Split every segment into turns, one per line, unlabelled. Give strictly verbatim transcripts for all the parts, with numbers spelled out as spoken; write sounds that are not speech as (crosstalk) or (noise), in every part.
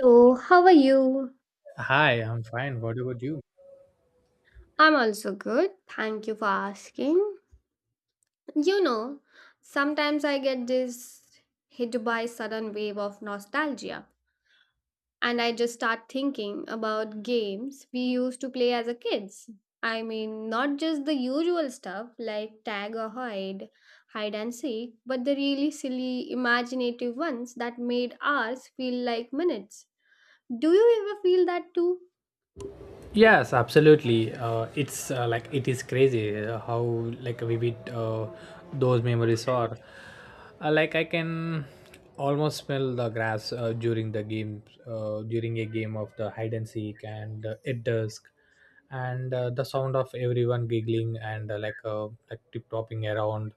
So, how are you?
Hi, I'm fine. What about you?
I'm also good. Thank you for asking. You know, sometimes I get this hit by sudden wave of nostalgia, and I just start thinking about games we used to play as a kids. I mean, not just the usual stuff like tag or hide, hide and seek, but the really silly, imaginative ones that made hours feel like minutes. Do you ever feel that too?
Yes, absolutely. Uh, it's uh, like it is crazy uh, how like vivid uh, those memories are. Uh, like I can almost smell the grass uh, during the game, uh, during a game of the hide and seek, and uh, at dusk, and uh, the sound of everyone giggling, and uh, like uh, like tip topping around,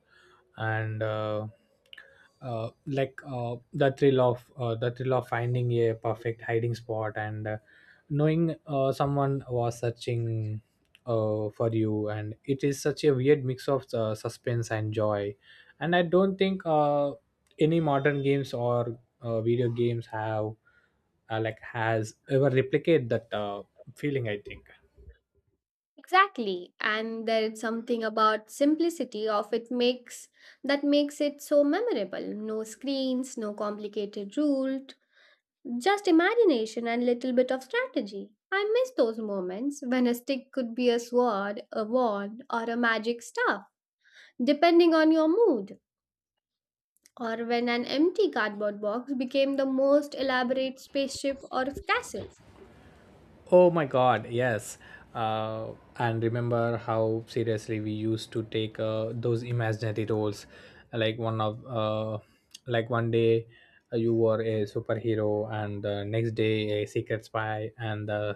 and uh, uh, like uh, the thrill of uh, the thrill of finding a perfect hiding spot, and Uh, knowing uh, someone was searching uh, for you, and it is such a weird mix of uh, suspense and joy, and I don't think uh, any modern games or uh, video games have uh, like has ever replicate that uh, feeling, I think.
Exactly. And there is something about simplicity of it makes that makes it so memorable. No screens, no complicated rules, just imagination and little bit of strategy. I miss those moments when a stick could be a sword, a wand, or a magic staff, depending on your mood. Or when an empty cardboard box became the most elaborate spaceship or castle.
Oh my God, yes. Uh, and remember how seriously we used to take uh, those imaginary roles, like one of, uh, like one day uh, you were a superhero, and the next day a secret spy, and uh,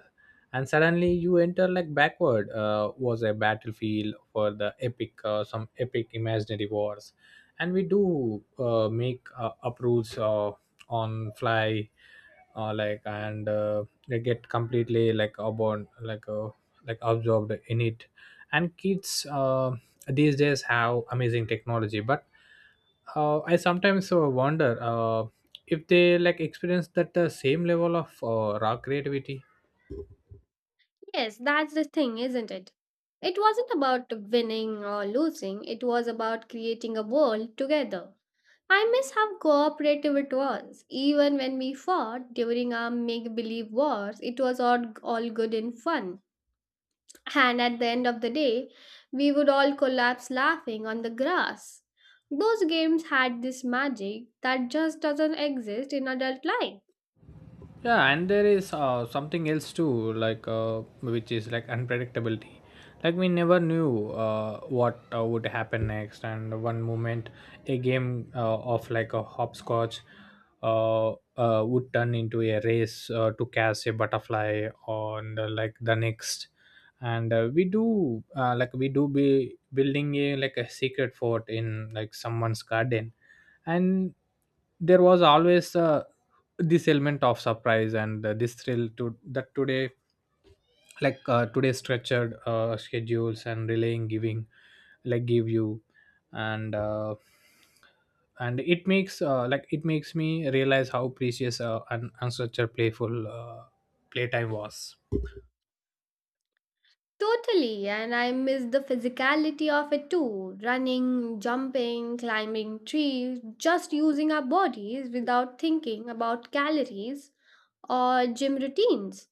and suddenly you enter like backward uh, was a battlefield for the epic, uh, some epic imaginary wars, and we do uh, make uh, up rules uh, on fly, uh, like and. Uh, they get completely like absorbed like uh, like absorbed in it, and kids uh, these days have amazing technology, but uh, I sometimes uh, wonder uh, if they like experience that uh, same level of uh, raw creativity.
Yes, that's the thing, isn't it? It wasn't about winning or losing, it was about creating a world together. I miss how cooperative it was. Even when we fought during our make believe wars, it was all, all good and fun. And at the end of the day, we would all collapse laughing on the grass. Those games had this magic that just doesn't exist in adult life.
Yeah, and there is uh, something else too, like uh, which is like unpredictability. Like we never knew uh, what uh, would happen next, and one moment a game uh, of like a hopscotch uh, uh, would turn into a race uh, to catch a butterfly on the, like the next, and uh, we do uh, like we do be building a like a secret fort in like someone's garden, and there was always uh, this element of surprise, and uh, this thrill to that today, like uh, today structured uh, schedules and relaying giving like give you, and uh, and it makes uh, like it makes me realize how precious uh, and, and playful uh, playtime was.
Totally, and I miss the physicality of it too running, jumping, climbing trees, just using our bodies without thinking about calories or gym routines.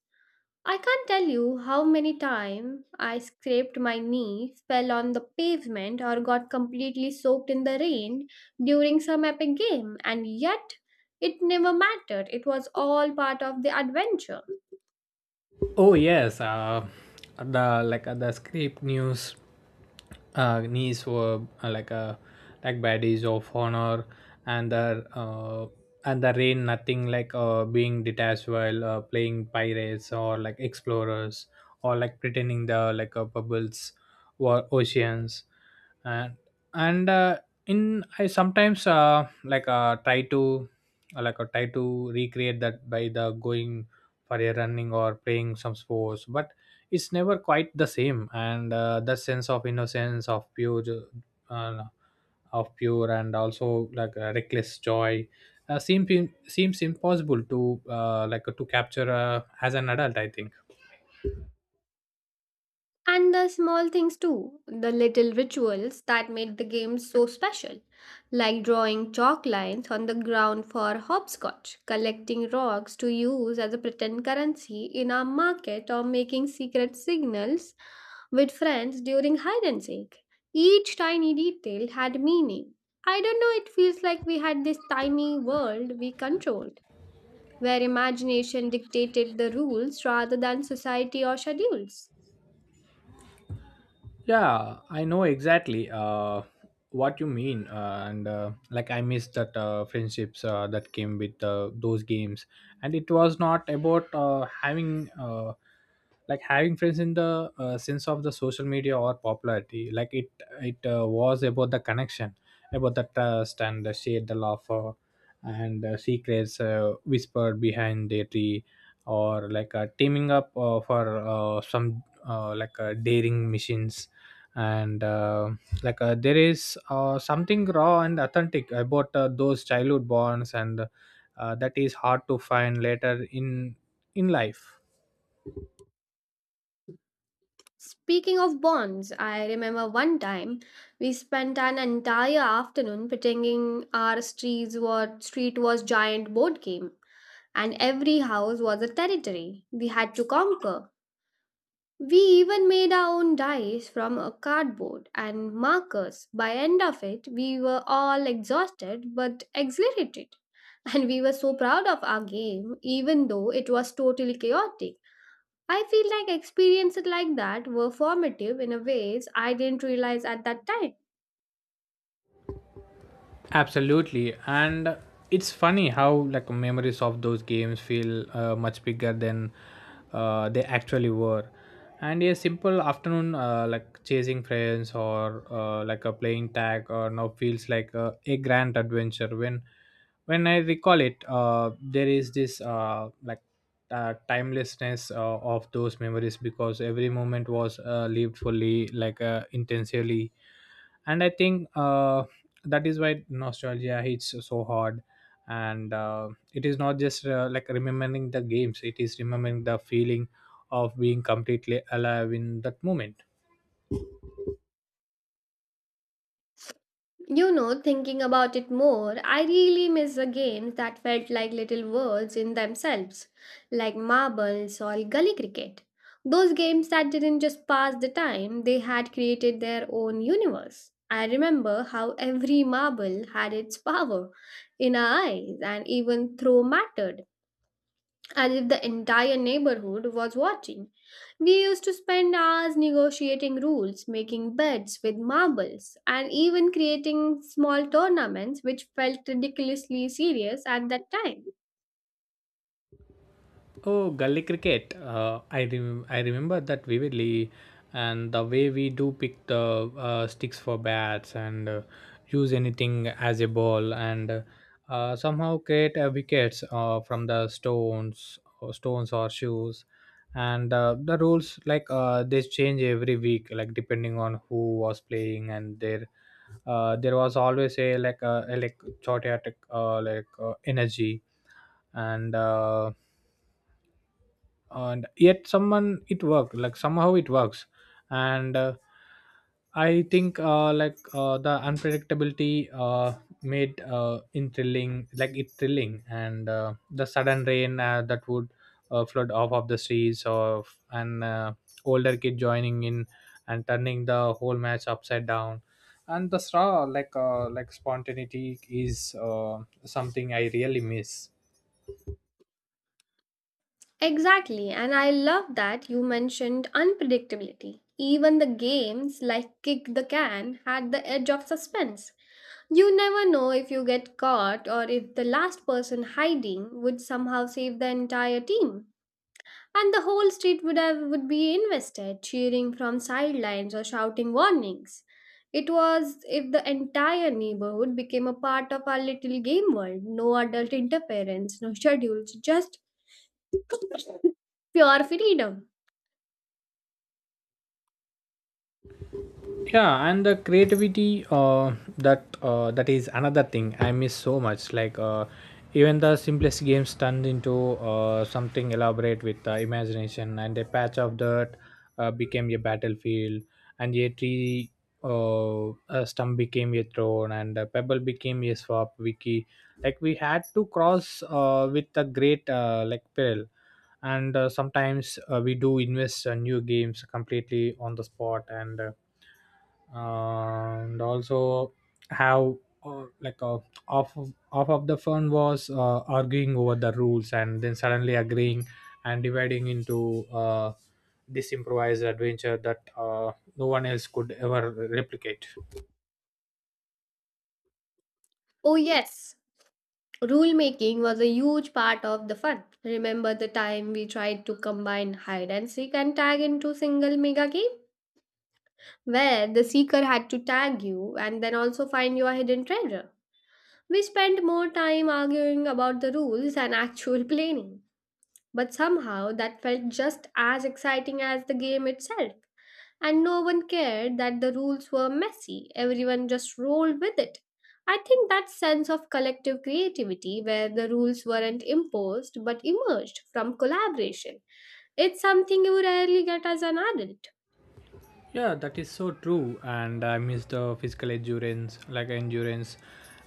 I can't tell you how many times I scraped my knee, fell on the pavement, or got completely soaked in the rain during some epic game, and yet it never mattered. It was all part of the adventure.
Oh yes. uh, the like uh, the script news uh, knees were uh, like a like baddies of honor, and the uh, and the rain. Nothing like uh, being detached while uh, playing pirates, or like explorers, or like pretending the like uh, bubbles were oceans. and and uh, in I sometimes uh, like uh, try to uh, like uh, try to recreate that by the going for a running or playing some sports, but it's never quite the same, and uh, that sense of innocence of pure, uh, of pure and also like uh, reckless joy uh, seems seems impossible to uh, like to capture uh, as an adult, I think.
And the small things too, the little rituals that made the game so special, like drawing chalk lines on the ground for hopscotch, collecting rocks to use as a pretend currency in our market, or making secret signals with friends during hide and seek. Each tiny detail had meaning. I don't know, it feels like we had this tiny world we controlled, where imagination dictated the rules rather than society or schedules.
Yeah, I know exactly uh, what you mean, uh, and uh, like I miss that uh, friendships uh, that came with uh, those games, and it was not about uh, having uh, like having friends in the uh, sense of the social media or popularity. Like it, it uh, was about the connection, about the trust and the shade, the laughter, and the secrets uh, whispered behind the tree, or like uh, teaming up uh, for uh, some uh, like uh, daring missions, and uh, like uh, there is uh, something raw and authentic about uh, those childhood bonds, and uh, that is hard to find later in in life.
Speaking of bonds, I remember one time we spent an entire afternoon pretending our streets were, street was giant board game and every house was a territory we had to conquer. We even made our own dice from a cardboard and markers. By end of it, we were all exhausted but exhilarated (laughs) and we were so proud of our game even though it was totally chaotic. I feel like experiences like that were formative in a ways I didn't realize at that time.
Absolutely, and it's funny how like memories of those games feel uh, much bigger than uh, they actually were. And a simple afternoon, uh, like chasing friends, or uh, like a playing tag, or now feels like a, a grand adventure. When when I recall it, uh, there is this uh, like uh, timelessness uh, of those memories, because every moment was uh, lived fully, like uh, intensively, and I think uh, that is why nostalgia hits so hard. And uh, it is not just uh, like remembering the games, it is remembering the feeling of being completely alive in that moment.
You know, thinking about it more, I really miss the games that felt like little worlds in themselves, like marbles or gully cricket. Those games that didn't just pass the time, they had created their own universe. I remember how every marble had its power in our eyes, and even throw mattered, as if the entire neighborhood was watching. We used to spend hours negotiating rules, making bets with marbles, and even creating small tournaments which felt ridiculously serious at that time.
Oh, gully cricket. Uh, I rem- I remember that vividly, and the way we do pick the uh, sticks for bats, and uh, use anything as a ball, and uh, somehow create uh, wickets uh, from the stones, or stones or shoes, and uh, the rules, like uh, they change every week, like depending on who was playing, and their uh, there was always a like uh, a like chaotic uh, like uh, energy. And. Uh, and yet someone it worked, like somehow it works. And uh, I think uh, like uh, the unpredictability uh, made uh, in thrilling like it thrilling, and uh, the sudden rain uh, that would uh, flood off of the streets, of an uh, older kid joining in, and turning the whole match upside down, and the straw like uh, like spontaneity is uh, something I really miss.
Exactly, and I love that you mentioned unpredictability. Even the games like Kick the Can had the edge of suspense. You never know if you get caught or if the last person hiding would somehow save the entire team. And the whole street would have would be invested cheering from sidelines or shouting warnings. It was if the entire neighborhood became a part of our little game world. No adult interference, no schedules, just pure freedom.
Yeah, and the creativity uh, that uh, that is another thing I miss so much. Like uh, even the simplest games turned into uh, something elaborate with the imagination, and a patch of dirt uh, became a battlefield, and a tree uh, a stump became a throne, and a pebble became a swap wiki, like we had to cross uh, with the great uh, like peril. And uh, sometimes uh, we do invest uh, new games completely on the spot, and uh, and also have uh, like uh, off of, off of the fun was uh, arguing over the rules, and then suddenly agreeing, and dividing into uh, this improvised adventure that uh, no one else could ever replicate.
Oh yes, rule making was a huge part of the fun. Remember the time we tried to combine hide and seek and tag into single mega game where the seeker had to tag you and then also find your hidden treasure. We spent more time arguing about the rules and actual planning, but somehow that felt just as exciting as the game itself. And no one cared that the rules were messy, everyone just rolled with it. I think that sense of collective creativity, where the rules weren't imposed but emerged from collaboration, it's something you rarely get as an adult.
Yeah, that is so true, and I miss the physical endurance, like endurance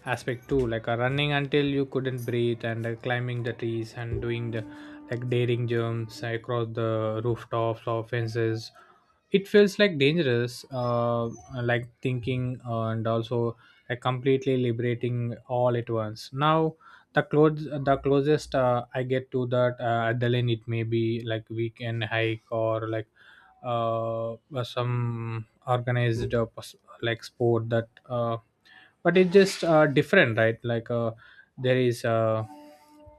aspect too, like uh, running until you couldn't breathe, and uh, climbing the trees, and doing the like daring jumps across the rooftops or fences. It feels like dangerous, uh, like thinking, uh, and also like completely liberating all at once. Now the close the closest uh, I get to that uh, adrenaline, it may be like weekend hike, or like uh, some organized uh, pos- like sport that uh, but it's just uh, different, right? like uh, there is uh,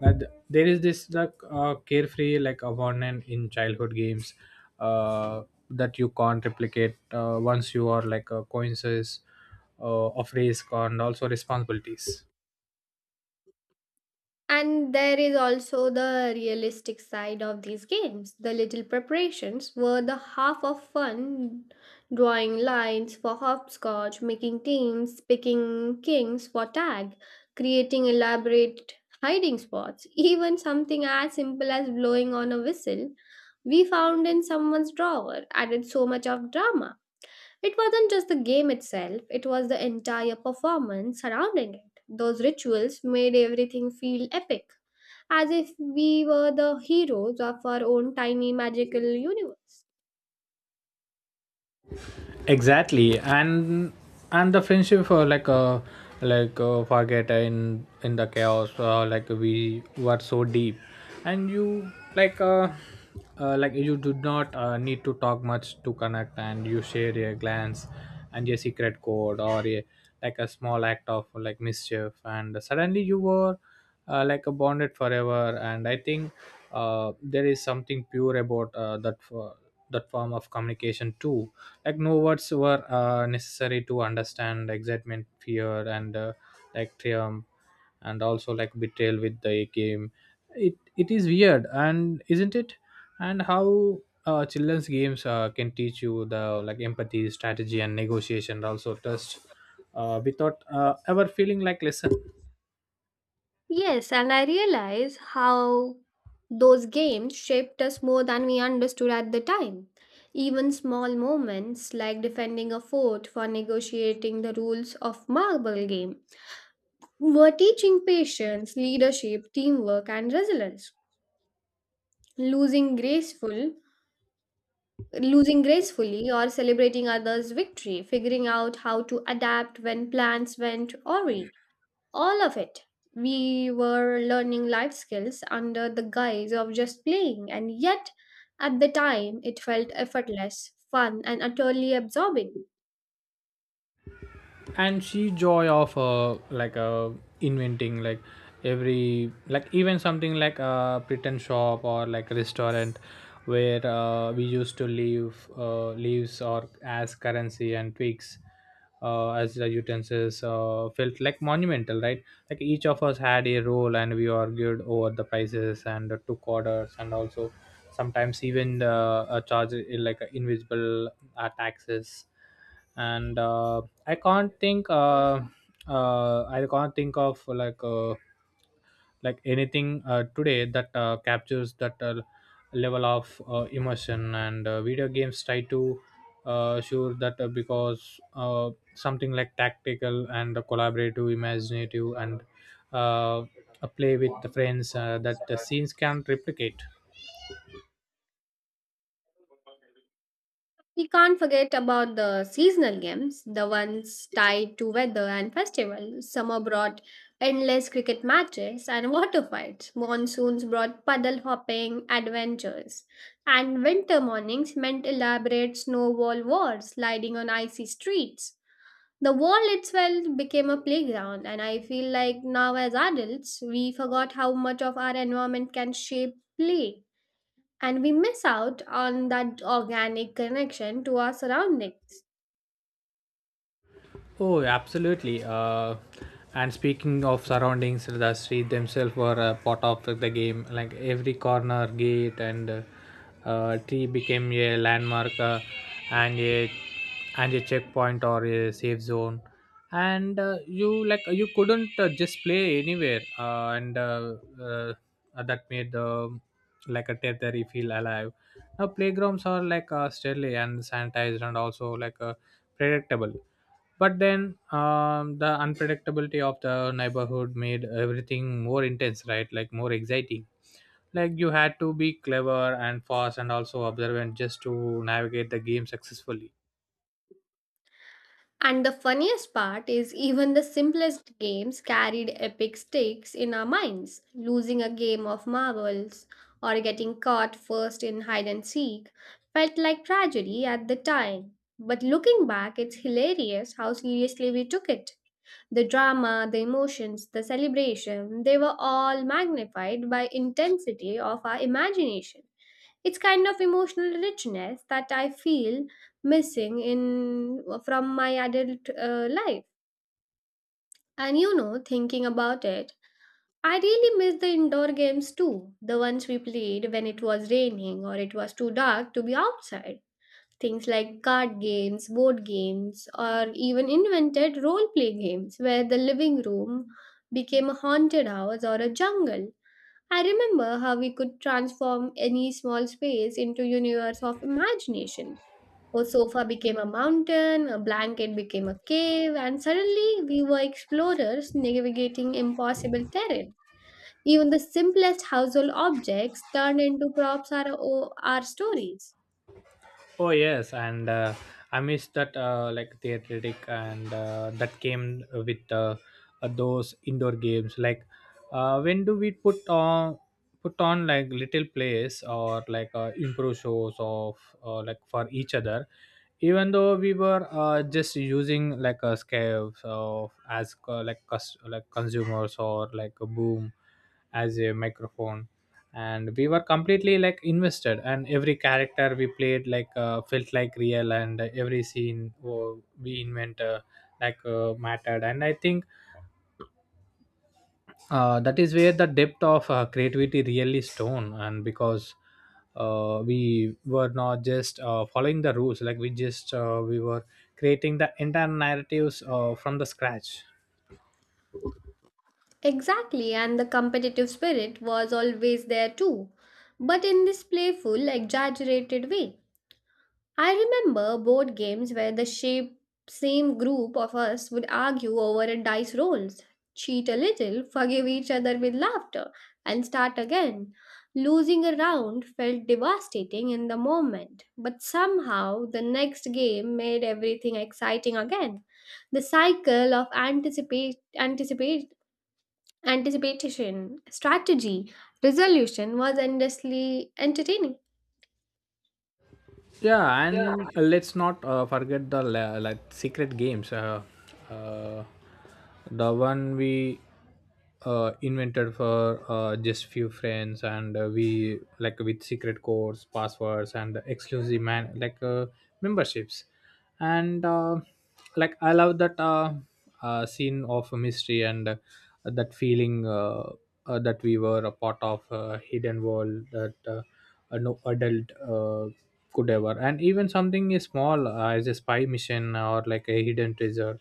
but there is this like uh, carefree like abandon in childhood games uh, that you can't replicate uh, once you are like a coincidence uh, of risk and also responsibilities.
And there is also the realistic side of these games. The little preparations were the half of fun drawing lines for hopscotch, making teams, picking kings for tag, creating elaborate hiding spots, even something as simple as blowing on a whistle we found in someone's drawer added so much of drama. It wasn't just the game itself, it was the entire performance surrounding it. Those rituals made everything feel epic, as if we were the heroes of our own tiny magical universe.
Exactly, and and the friendship for like uh like uh, forget in in the chaos, uh, like we were so deep, and you like uh, uh like you do not uh, need to talk much to connect, and you share your glance and your secret code, or a, like a small act of like mischief, and suddenly you were uh, like a bonded forever, and I think uh, there is something pure about uh, that for that form of communication too. Like no words were uh, necessary to understand excitement, fear, and uh, like triumph, and also like betrayal with the game. It it is weird, and isn't it, and how uh, children's games uh, can teach you the like empathy, strategy, and negotiation, also trust, uh, without uh, ever feeling like lesson.
Yes, and I realize how those games shaped us more than we understood at the time. Even small moments like defending a fort for negotiating the rules of marble game were teaching patience, leadership, teamwork, and resilience. losing graceful losing gracefully or celebrating others victory, figuring out how to adapt when plans went awry, all of it, we were learning life skills under the guise of just playing, and yet at the time it felt effortless fun and utterly absorbing.
And she joy of uh, like uh, inventing, like every, like even something like a pretend shop or like restaurant, where uh, we used to leave uh, leaves or as currency, and twigs uh, as the utensils uh, felt like monumental, right? Like each of us had a role, and we argued over the prices and took orders, and also sometimes even uh, uh, charge uh, like uh, invisible uh, taxes. And uh, I can't think. Uh, uh, I can't think of like uh, like anything uh, today that uh, captures that uh, level of uh, immersion. And uh, video games try to uh, sure that uh, because uh, something like tactical and collaborative, imaginative, and uh, a play with the friends uh, that the scenes can't replicate.
We can't forget about the seasonal games, the ones tied to weather and festivals. Summer brought endless cricket matches and (laughs) water fights. Monsoons brought puddle hopping adventures. And winter mornings meant elaborate snowball wars, sliding on icy streets. The wall itself became a playground, and I feel like now as adults, we forgot how much of our environment can shape play and we miss out on that organic connection to our surroundings.
Oh, absolutely. Uh, and speaking of surroundings, the street themselves were a part of the game. Like every corner, gate, and uh, uh, tree became a landmark, uh, and a and a checkpoint or a safe zone. And uh, you like you couldn't uh, just play anywhere, uh, and uh, uh, that made um like a territory feel alive. Now playgrounds are like uh, sterile and sanitized, and also like uh, predictable, but then um, the unpredictability of the neighborhood made everything more intense, right? Like more exciting. Like you had to be clever and fast, and also observant just to navigate the game successfully.
And the funniest part is, even the simplest games carried epic stakes in our minds. Losing a game of marbles or getting caught first in hide and seek felt like tragedy at the time. But looking back, it's hilarious how seriously we took it. The drama, the emotions, the celebration, they were all magnified by intensity of our imagination. It's kind of emotional richness that I feel missing in from my adult uh, life. And you know, thinking about it, I really miss the indoor games too, the ones we played when it was raining or it was too dark to be outside, things like card games, board games, or even invented role play games where the living room became a haunted house or a jungle. I remember how we could transform any small space into universe of imagination. A sofa became a mountain, a blanket became a cave, and suddenly we were explorers navigating impossible terrain. Even the simplest household objects turned into props or or our stories.
Oh yes, and uh, I miss that uh, like theatric and uh, that came with uh, uh, those indoor games. Like uh, when do we put on put on like little plays or like uh, improv shows of uh, like for each other, even though we were uh, just using like a scale of as uh, like cus- like consumers or like a boom as a microphone. And we were completely like invested and every character we played like uh, felt like real and every scene oh, we invent uh, like uh, mattered. And I think uh, that is where the depth of uh, creativity really stone. And because uh, we were not just uh, following the rules, like we just uh, we were creating the entire narratives uh, from the scratch.
Exactly, and the competitive spirit was always there too, but in this playful, exaggerated way. I remember board games where the shape, same group of us would argue over a dice rolls, cheat a little, forgive each other with laughter, and start again. Losing a round felt devastating in the moment, but somehow the next game made everything exciting again. The cycle of anticipate, anticipate, anticipation, strategy, resolution was endlessly entertaining.
Yeah, and let's not uh, forget the la- like secret games. Uh, uh, the one we uh, invented for uh, just few friends, and uh, we like with secret codes, passwords, and exclusive man like uh, memberships. And uh, like I love that uh, uh, scene of mystery and uh, that feeling uh, uh, that we were a part of a hidden world that uh, uh, no adult uh, could ever. And even something is small uh, as a spy mission or like a hidden treasure,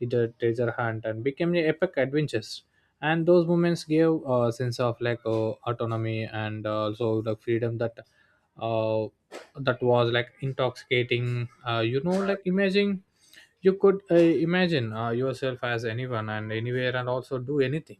it a treasure hunt and became a epic adventures. And those moments gave a sense of like uh, autonomy and uh, also the freedom that uh, that was like intoxicating. Uh, you know, like imagine you could uh, imagine uh, yourself as anyone and anywhere and also do anything.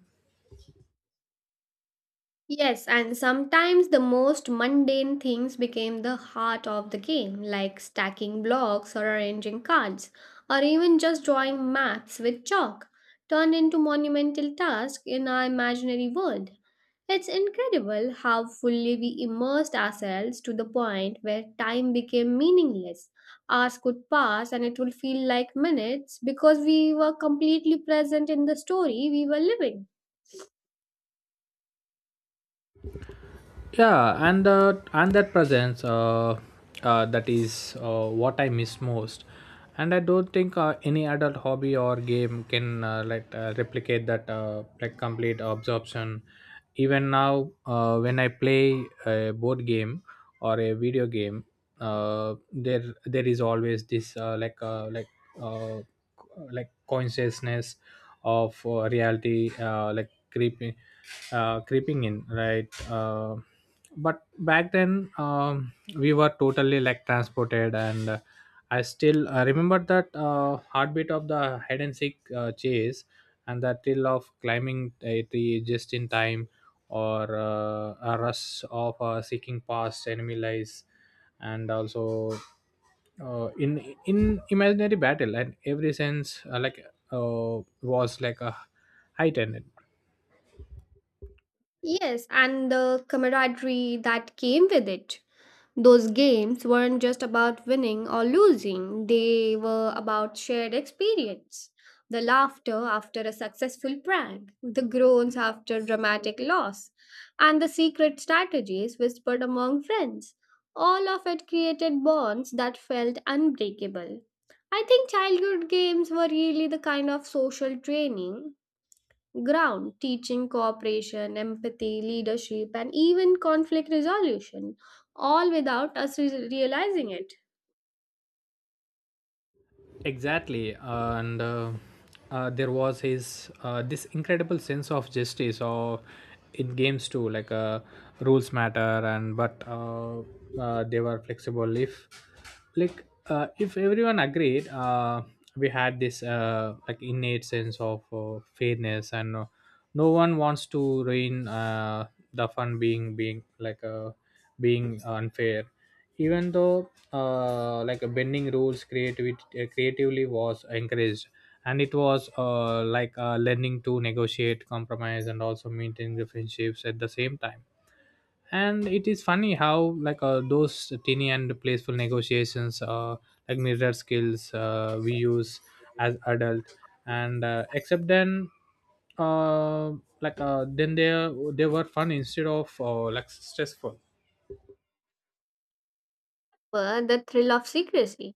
Yes, and sometimes the most mundane things became the heart of the game, like stacking blocks or arranging cards, or even just drawing maps with chalk, turned into monumental tasks in our imaginary world. It's incredible how fully we immersed ourselves to the point where time became meaningless. Hours could pass and it would feel like minutes because we were completely present in the story we were living.
Yeah, and uh, and that presence uh, uh, that is uh, what I miss most. And I don't think uh, any adult hobby or game can uh, like uh, replicate that uh, like complete absorption. Even now uh, when I play a board game or a video game, uh, there there is always this uh, like uh, like uh, co- like consciousness of uh, reality uh, like creeping uh, creeping in, right. Uh, but back then um, we were totally like transported. And uh, I still uh, remember that uh, heartbeat of the hide and seek uh, chase, and the thrill of climbing a tree just in time, or uh, a rush of uh, seeking past enemy lies, and also uh, in in imaginary battle. And every sense uh, like uh, was like a heightened.
Yes, and the camaraderie that came with it. Those games weren't just about winning or losing, they were about shared experience. The laughter after a successful prank, the groans after dramatic loss, and the secret strategies whispered among friends. All of it created bonds that felt unbreakable. I think childhood games were really the kind of social training ground, teaching cooperation, empathy, leadership, and even conflict resolution, all without us re- realizing it.
Exactly. And uh, uh, there was his uh, this incredible sense of justice or in games too, like uh, rules matter. And but uh, uh, they were flexible if like uh, if everyone agreed. Uh, we had this uh, like innate sense of uh, fairness and uh, no one wants to ruin uh, the fun being being like uh, being unfair, even though uh, like uh, bending rules creativity uh, creatively was encouraged. And it was uh, like uh, learning to negotiate, compromise, and also maintain the friendships at the same time. And it is funny how like uh, those teeny and playful negotiations uh, like mirror skills uh, we use as adult. And uh, except then uh, like uh, then they they were fun instead of uh, like stressful.
Were the thrill of secrecy.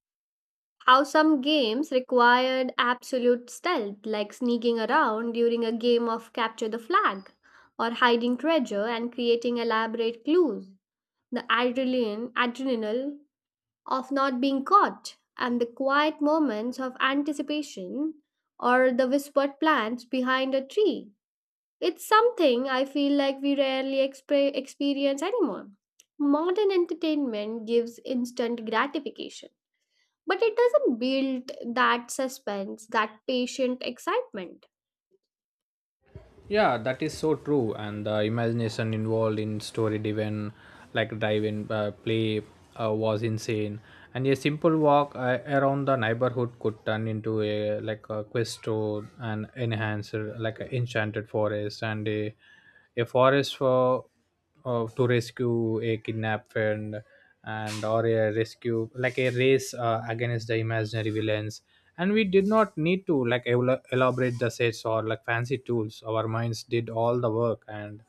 How some games required absolute stealth, like sneaking around during a game of capture the flag, or hiding treasure and creating elaborate clues. The adrenaline, adrenaline of not being caught, and the quiet moments of anticipation or the whispered plans behind a tree. It's something I feel like we rarely exp- experience anymore. Modern entertainment gives instant gratification, but it doesn't build that suspense, that patient excitement.
Yeah, that is so true. And the imagination involved in story driven, like drive-in uh, play, uh, was insane. And a simple walk uh, around the neighborhood could turn into a like a quest to an enhancer, like an enchanted forest and a a forest for of to rescue a kidnapped friend, and or a rescue like a race uh, against the imaginary villains. And we did not need to like el- elaborate the sets or like fancy tools. Our minds did all the work. And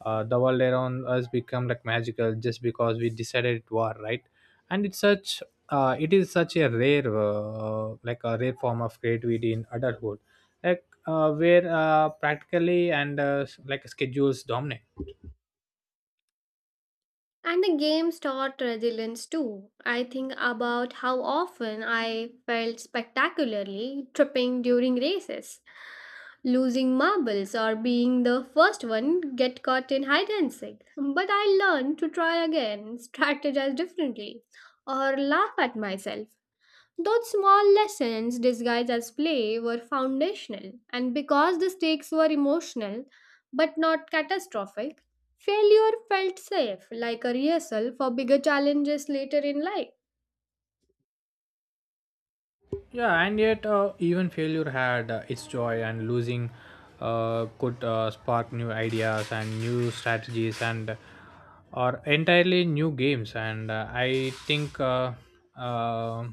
uh, the world around us become like magical just because we decided it were right. and it's such uh, It is such a rare uh, like a rare form of creativity in adulthood, like uh, where uh, practically and uh, like schedules dominate.
And the games taught resilience too. I think about how often I felt spectacularly tripping during races, losing marbles, or being the first one get caught in hide and seek, but I learned to try again, strategize differently, or laugh at myself. Those small lessons disguised as play were foundational, and because the stakes were emotional but not catastrophic, failure felt safe, like a rehearsal for bigger challenges later in life.
Yeah, and yet uh, even failure had uh, its joy, and losing uh, could uh, spark new ideas and new strategies and or entirely new games. And uh, I think uh, uh,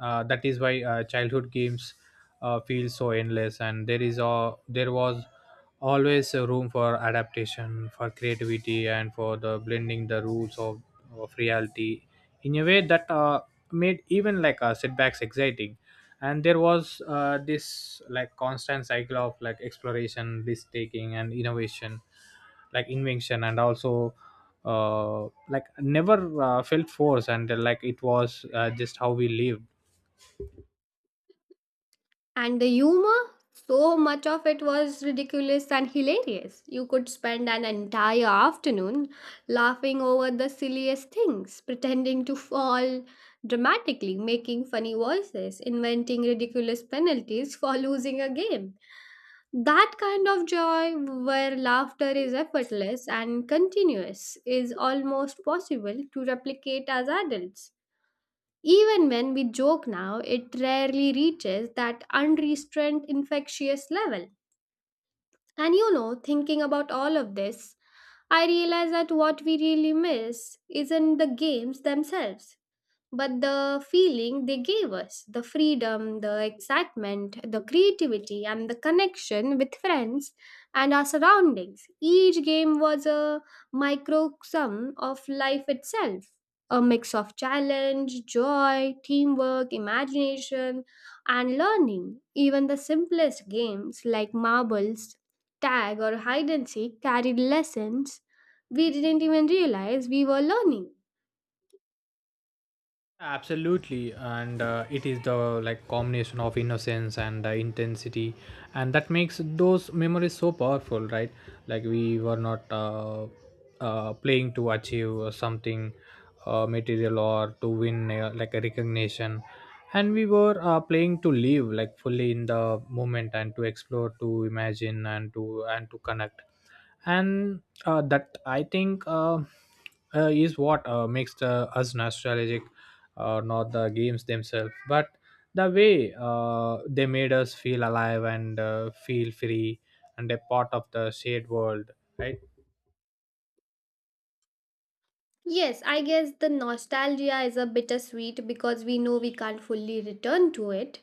uh, that is why uh, childhood games uh, feel so endless. And there is a there was always a room for adaptation, for creativity, and for the blending the rules of, of reality in a way that uh, made even like uh, setbacks exciting. And there was uh, this like constant cycle of like exploration, risk taking, and innovation, like invention. And also uh, like never uh, felt force. And uh, like it was uh, just how we live.
And the humor, so much of it was ridiculous and hilarious. You could spend an entire afternoon laughing over the silliest things, pretending to fall dramatically, making funny voices, inventing ridiculous penalties for losing a game. That kind of joy where laughter is effortless and continuous is almost possible to replicate as adults. Even when we joke now, it rarely reaches that unrestrained infectious level. And you know, thinking about all of this, I realize that what we really miss isn't the games themselves but the feeling they gave us, the freedom, the excitement, the creativity, and the connection with friends and our surroundings. Each game was a microcosm of life itself. A mix of challenge, joy, teamwork, imagination, and learning. Even the simplest games like marbles, tag, or hide and seek carried lessons we didn't even realize we were learning.
Absolutely. And uh, it is the like combination of innocence and uh, intensity, and that makes those memories so powerful, right. Like we were not uh, uh, playing to achieve something uh, material or to win uh, like a recognition. And we were uh, playing to live like fully in the moment, and to explore, to imagine, and to and to connect. And uh, that i think uh, uh, is what uh, makes the us nostalgic, uh, not the games themselves but the way uh, they made us feel alive and uh, feel free and a part of the shared world, right.
Yes, I guess the nostalgia is a bittersweet because we know we can't fully return to it.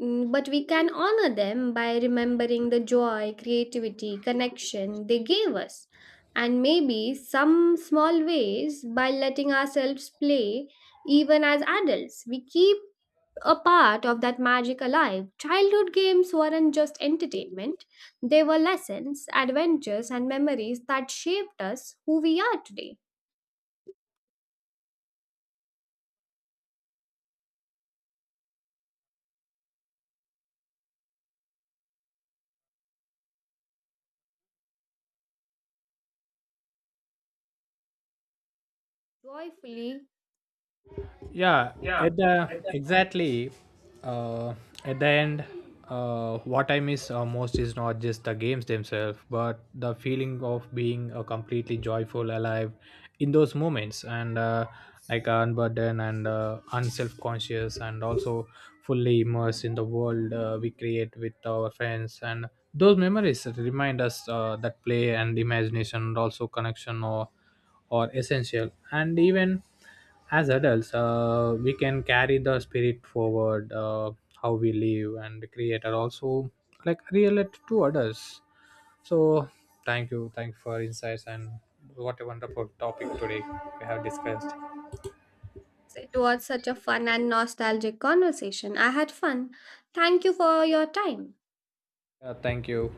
Mm, but we can honor them by remembering the joy, creativity, connection they gave us. And maybe some small ways by letting ourselves play, even as adults, we keep a part of that magic alive. Childhood games weren't just entertainment, they were lessons, adventures, and memories that shaped us who we are today. Joyfully,
Yeah, at the exactly. uh, at the end, uh, what I miss uh, most is not just the games themselves but the feeling of being uh, completely joyful alive in those moments, and uh, like unburdened and uh, unself-conscious, and also fully immersed in the world uh, we create with our friends. And those memories remind us uh, that play and imagination and also connection or or essential. And even as adults uh, we can carry the spirit forward, uh, how we live and create and also like relate to others. So thank you thank you for insights, and what a wonderful topic today we have discussed.
it was such a fun and nostalgic conversation. I had fun. Thank you for your time.
Uh, thank you.